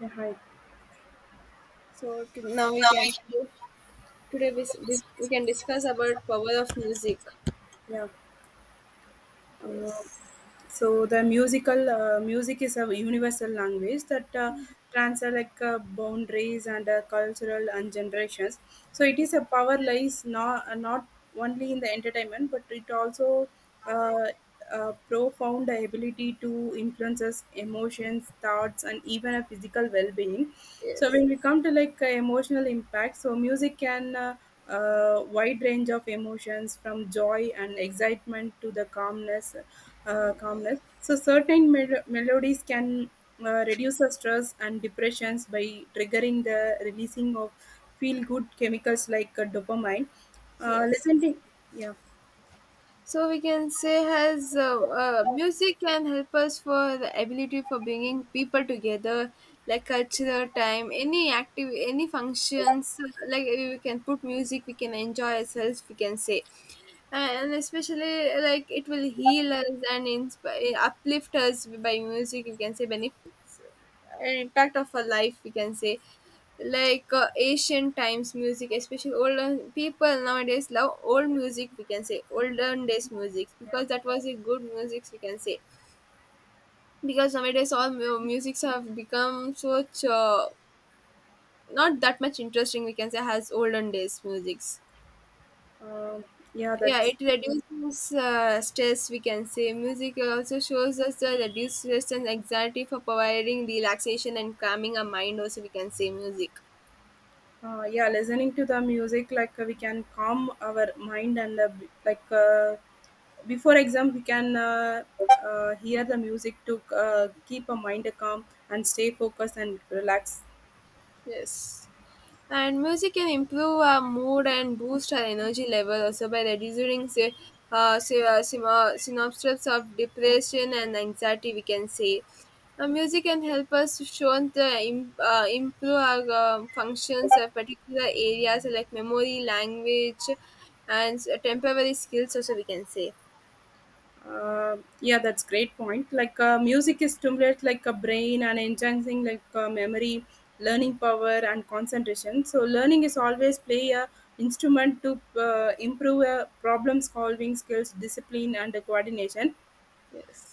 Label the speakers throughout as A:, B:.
A: Yeah, hi.
B: So to, now we can today we, we can discuss about power of music.
A: Yeah. Uh,
B: Yes,
A: so the music is a universal language that transcends like boundaries and cultural and generations. So it is a power lies not only in the entertainment, but it also uh, a profound ability to influence us emotions, thoughts, and even a physical well-being. So
B: yes,
A: when we come to like emotional impact, so music can wide range of emotions from joy and excitement to the
B: yes,
A: calmness. So certain melodies can reduce the stress and depressions by triggering the releasing of feel good chemicals like dopamine. Uh,
B: yes.
A: listening, yeah,
B: So we can say has music can help us for the ability for bringing people together like cultural time any active any functions we can put music we can enjoy ourselves we can say. And especially like it will heal us and inspire uplift us by music. We can say benefits impact of our life we can say. Like ancient times music especially older people nowadays love old music we can say olden days music
A: yeah,
B: because that was a good music we can say. Because nowadays all musics have become such not that much interesting we can say as olden days musics.
A: um, yeah.
B: Yeah,
A: That's
B: it reduces stress we can say. Music also shows us the reduced stress and anxiety for providing relaxation and calming our mind also we can say music.
A: Yeah, listening to the music like we can calm our mind and before exam we can hear the music to keep our mind calm and stay focused and relax.
B: Yes. And music can improve our mood and boost our energy level also by reducing synopsis of depression and anxiety, we can say. Music can help us to show improve our functions of particular areas like memory, language, and temporary skills also we can say.
A: Yeah, that's great point, like music is stimulates like a brain and enhancing like memory, learning power and concentration. So learning is always play a instrument to improve problem solving skills, discipline and coordination.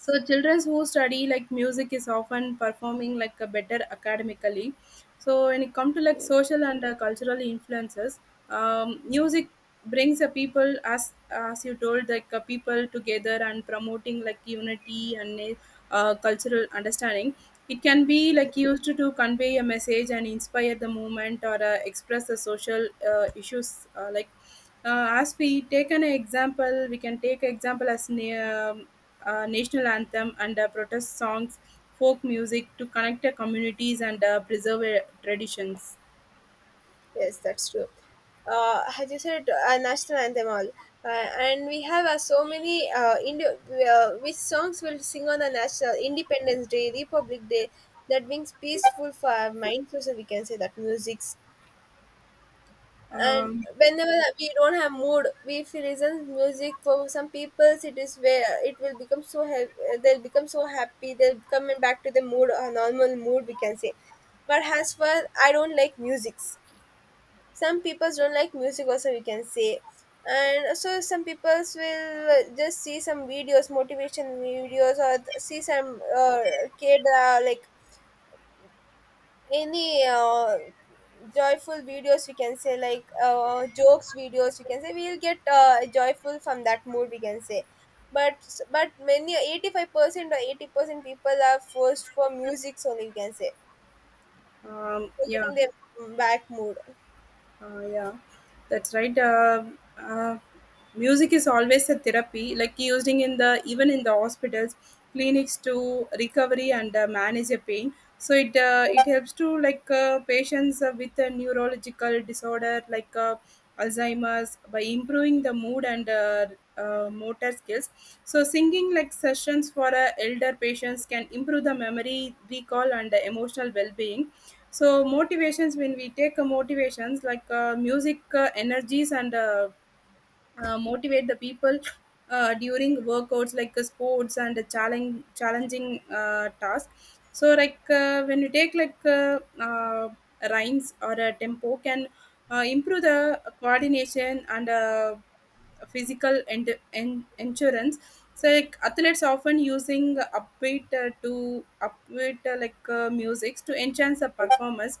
A: So children who study like music is often performing like a better academically. So when it comes to like
B: Yes.
A: social and cultural influences, music brings the people as you told like people together and promoting like unity and cultural understanding. It can be like used to convey a message and inspire the movement or express the social issues. As we take an example, we can take example as national anthem and protest songs, folk music to connect the communities and preserve traditions.
B: Yes, that's true. As you said, national anthem all, and we have so many which songs will sing on the national Independence Day, Republic Day, that brings peaceful for our minds. Also, we can say that musics. And
A: Um,
B: whenever we don't have mood, we if we listen music for some people, it is where it will become so help. They'll become so happy. They'll come back to the mood, a normal mood. We can say. But as for I don't like music, some people don't like music also we can say. And so some people will just see some videos motivation videos or see some kid like any joyful videos we can say like jokes videos we can say we'll get joyful from that mood we can say. But many 85% or 80% people are forced for music only we can say for
A: yeah.
B: getting their back mood.
A: Yeah, that's right. Uh, Music is always a therapy, like using in the even in the hospitals, clinics to recovery and manage a pain. So it helps to like patients with a neurological disorder like Alzheimer's by improving the mood and motor skills. So singing like sessions for elder patients can improve the memory, recall, and emotional well-being. So motivations when we take motivations like music energies and motivate the people during workouts like sports and challenge challenging tasks. So like when you take like rhymes or a tempo can improve the coordination and physical and endurance. So like athletes often using upbeat music to enhance the performance.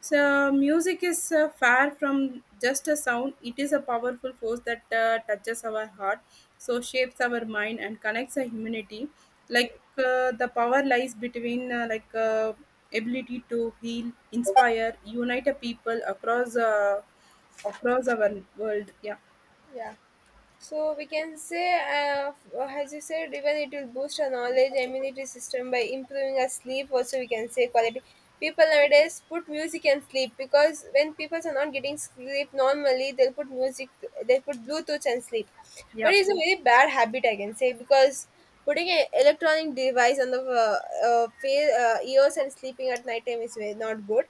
A: So music is far from just a sound. It is a powerful force that touches our heart, so shapes our mind and connects our humanity.
B: Yes.
A: The power lies between ability to heal, inspire, unite a people across across our world. Yeah,
B: Yeah. So we can say, as you said, even it will boost our knowledge immunity system by improving our sleep. Also, we can say quality. People nowadays put music and sleep because when people are not getting sleep normally, they'll put music, they put Bluetooth and sleep.
A: yeah.
B: But it's a very bad habit, I can say, because putting an electronic device on the ears and sleeping at night time is very not good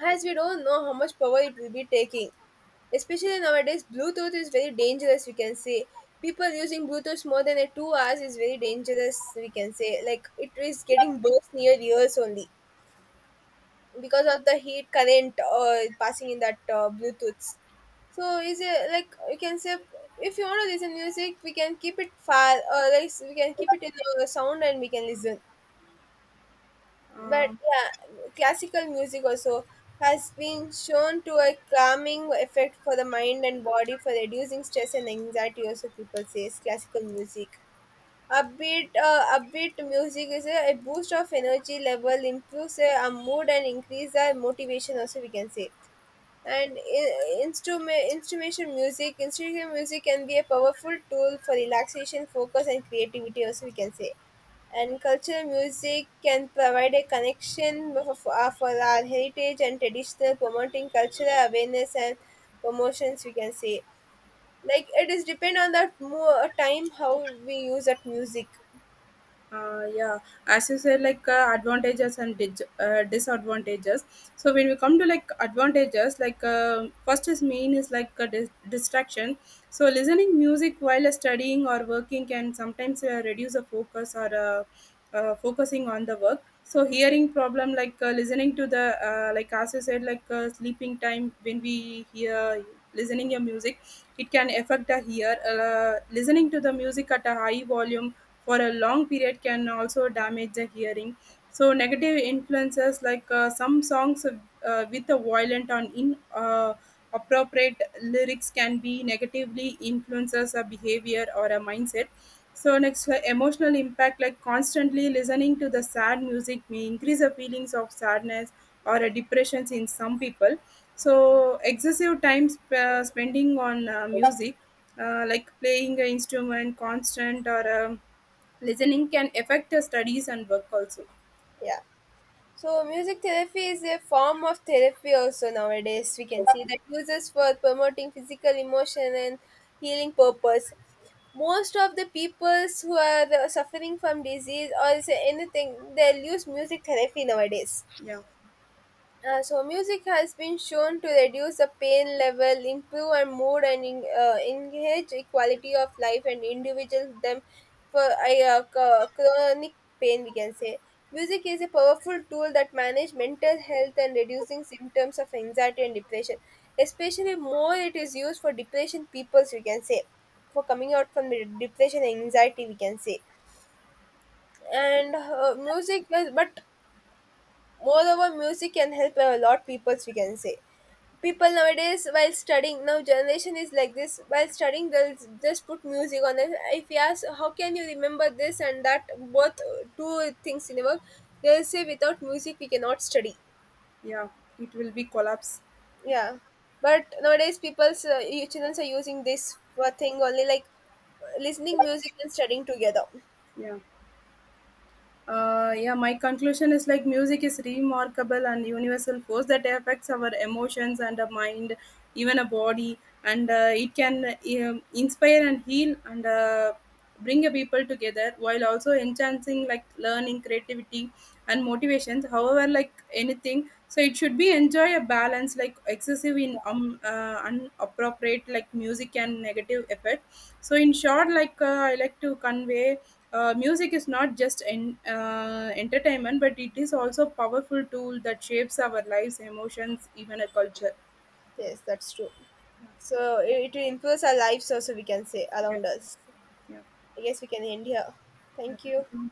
B: as we don't know how much power it will be taking. Especially nowadays, Bluetooth is very dangerous, we can say. People using Bluetooth more than a 2 hours is very dangerous, we can say. Like it is getting burst near ears only because of the heat current passing in that Bluetooth. So is it like we can say if you want to listen music, we can keep it far or like we can keep it in the sound and we can listen. But
A: Um,
B: yeah, classical music also has been shown to a calming effect for the mind and body for reducing stress and anxiety also people says classical music. Upbeat music is a boost of energy level improves our mood and increase our motivation also we can say. And instrumental music can be a powerful tool for relaxation focus and creativity also we can say. And cultural music can provide a connection for our heritage and traditional promoting cultural awareness and promotions we can say. Like it is depend on that more time how we use that music.
A: yeah, as you said, like disadvantages. So when we come to like advantages, like first is main is like a dis- distraction. So listening music while studying or working can sometimes reduce the focus or focusing on the work. So hearing problem like listening to the as you said like sleeping time when we hear listening your music, it can affect the ear. Listening to the music at a high volume for a long period can also damage the hearing. So negative influences like some songs with a violent or in appropriate lyrics can be negatively influences a behavior or a mindset. So next, emotional impact like constantly listening to the sad music may increase the feelings of sadness or a depressions in some people. So excessive time spending on music, like playing an instrument, constant or listening can affect the studies and work also.
B: Yeah. So, music therapy is a form of therapy also nowadays. We can see that uses for promoting physical, emotion, and healing purpose. Most of the peoples who are suffering from disease or is anything, they'll use music therapy nowadays.
A: Yeah,
B: So music has been shown to reduce the pain level, improve our mood, and engage the quality of life and individuals them for a chronic pain. We can say music is a powerful tool that manage mental health and reducing symptoms of anxiety and depression. Especially more it is used for depression peoples. We can say for coming out from the depression and anxiety. We can say. And music is but moreover music can help a lot. People, we can say people nowadays while studying now generation is like this while studying they'll just put music on it. If you ask how can you remember this and that both two things in a work they'll say without music we cannot study.
A: yeah, it will be collapse.
B: Yeah. But nowadays people's children are using this for thing only like listening music and studying together.
A: Yeah. Yeah, my conclusion is like music is remarkable and universal force that affects our emotions and a mind, even a body, and it can inspire and heal and bring a people together while also enhancing like learning, creativity, and motivations. However, like anything, so it should be enjoy a balance like excessive in inappropriate like music and negative effect. So in short, like I like to convey music is not just entertainment, but it is also a powerful tool that shapes our lives emotions even a culture. Yeah.
B: Yes, that's true. So it improves our lives also we can say
A: Yeah.
B: around us.
A: Yeah,
B: I guess we can end here.
A: yeah.
B: Thank
A: Thank
B: you.
A: you.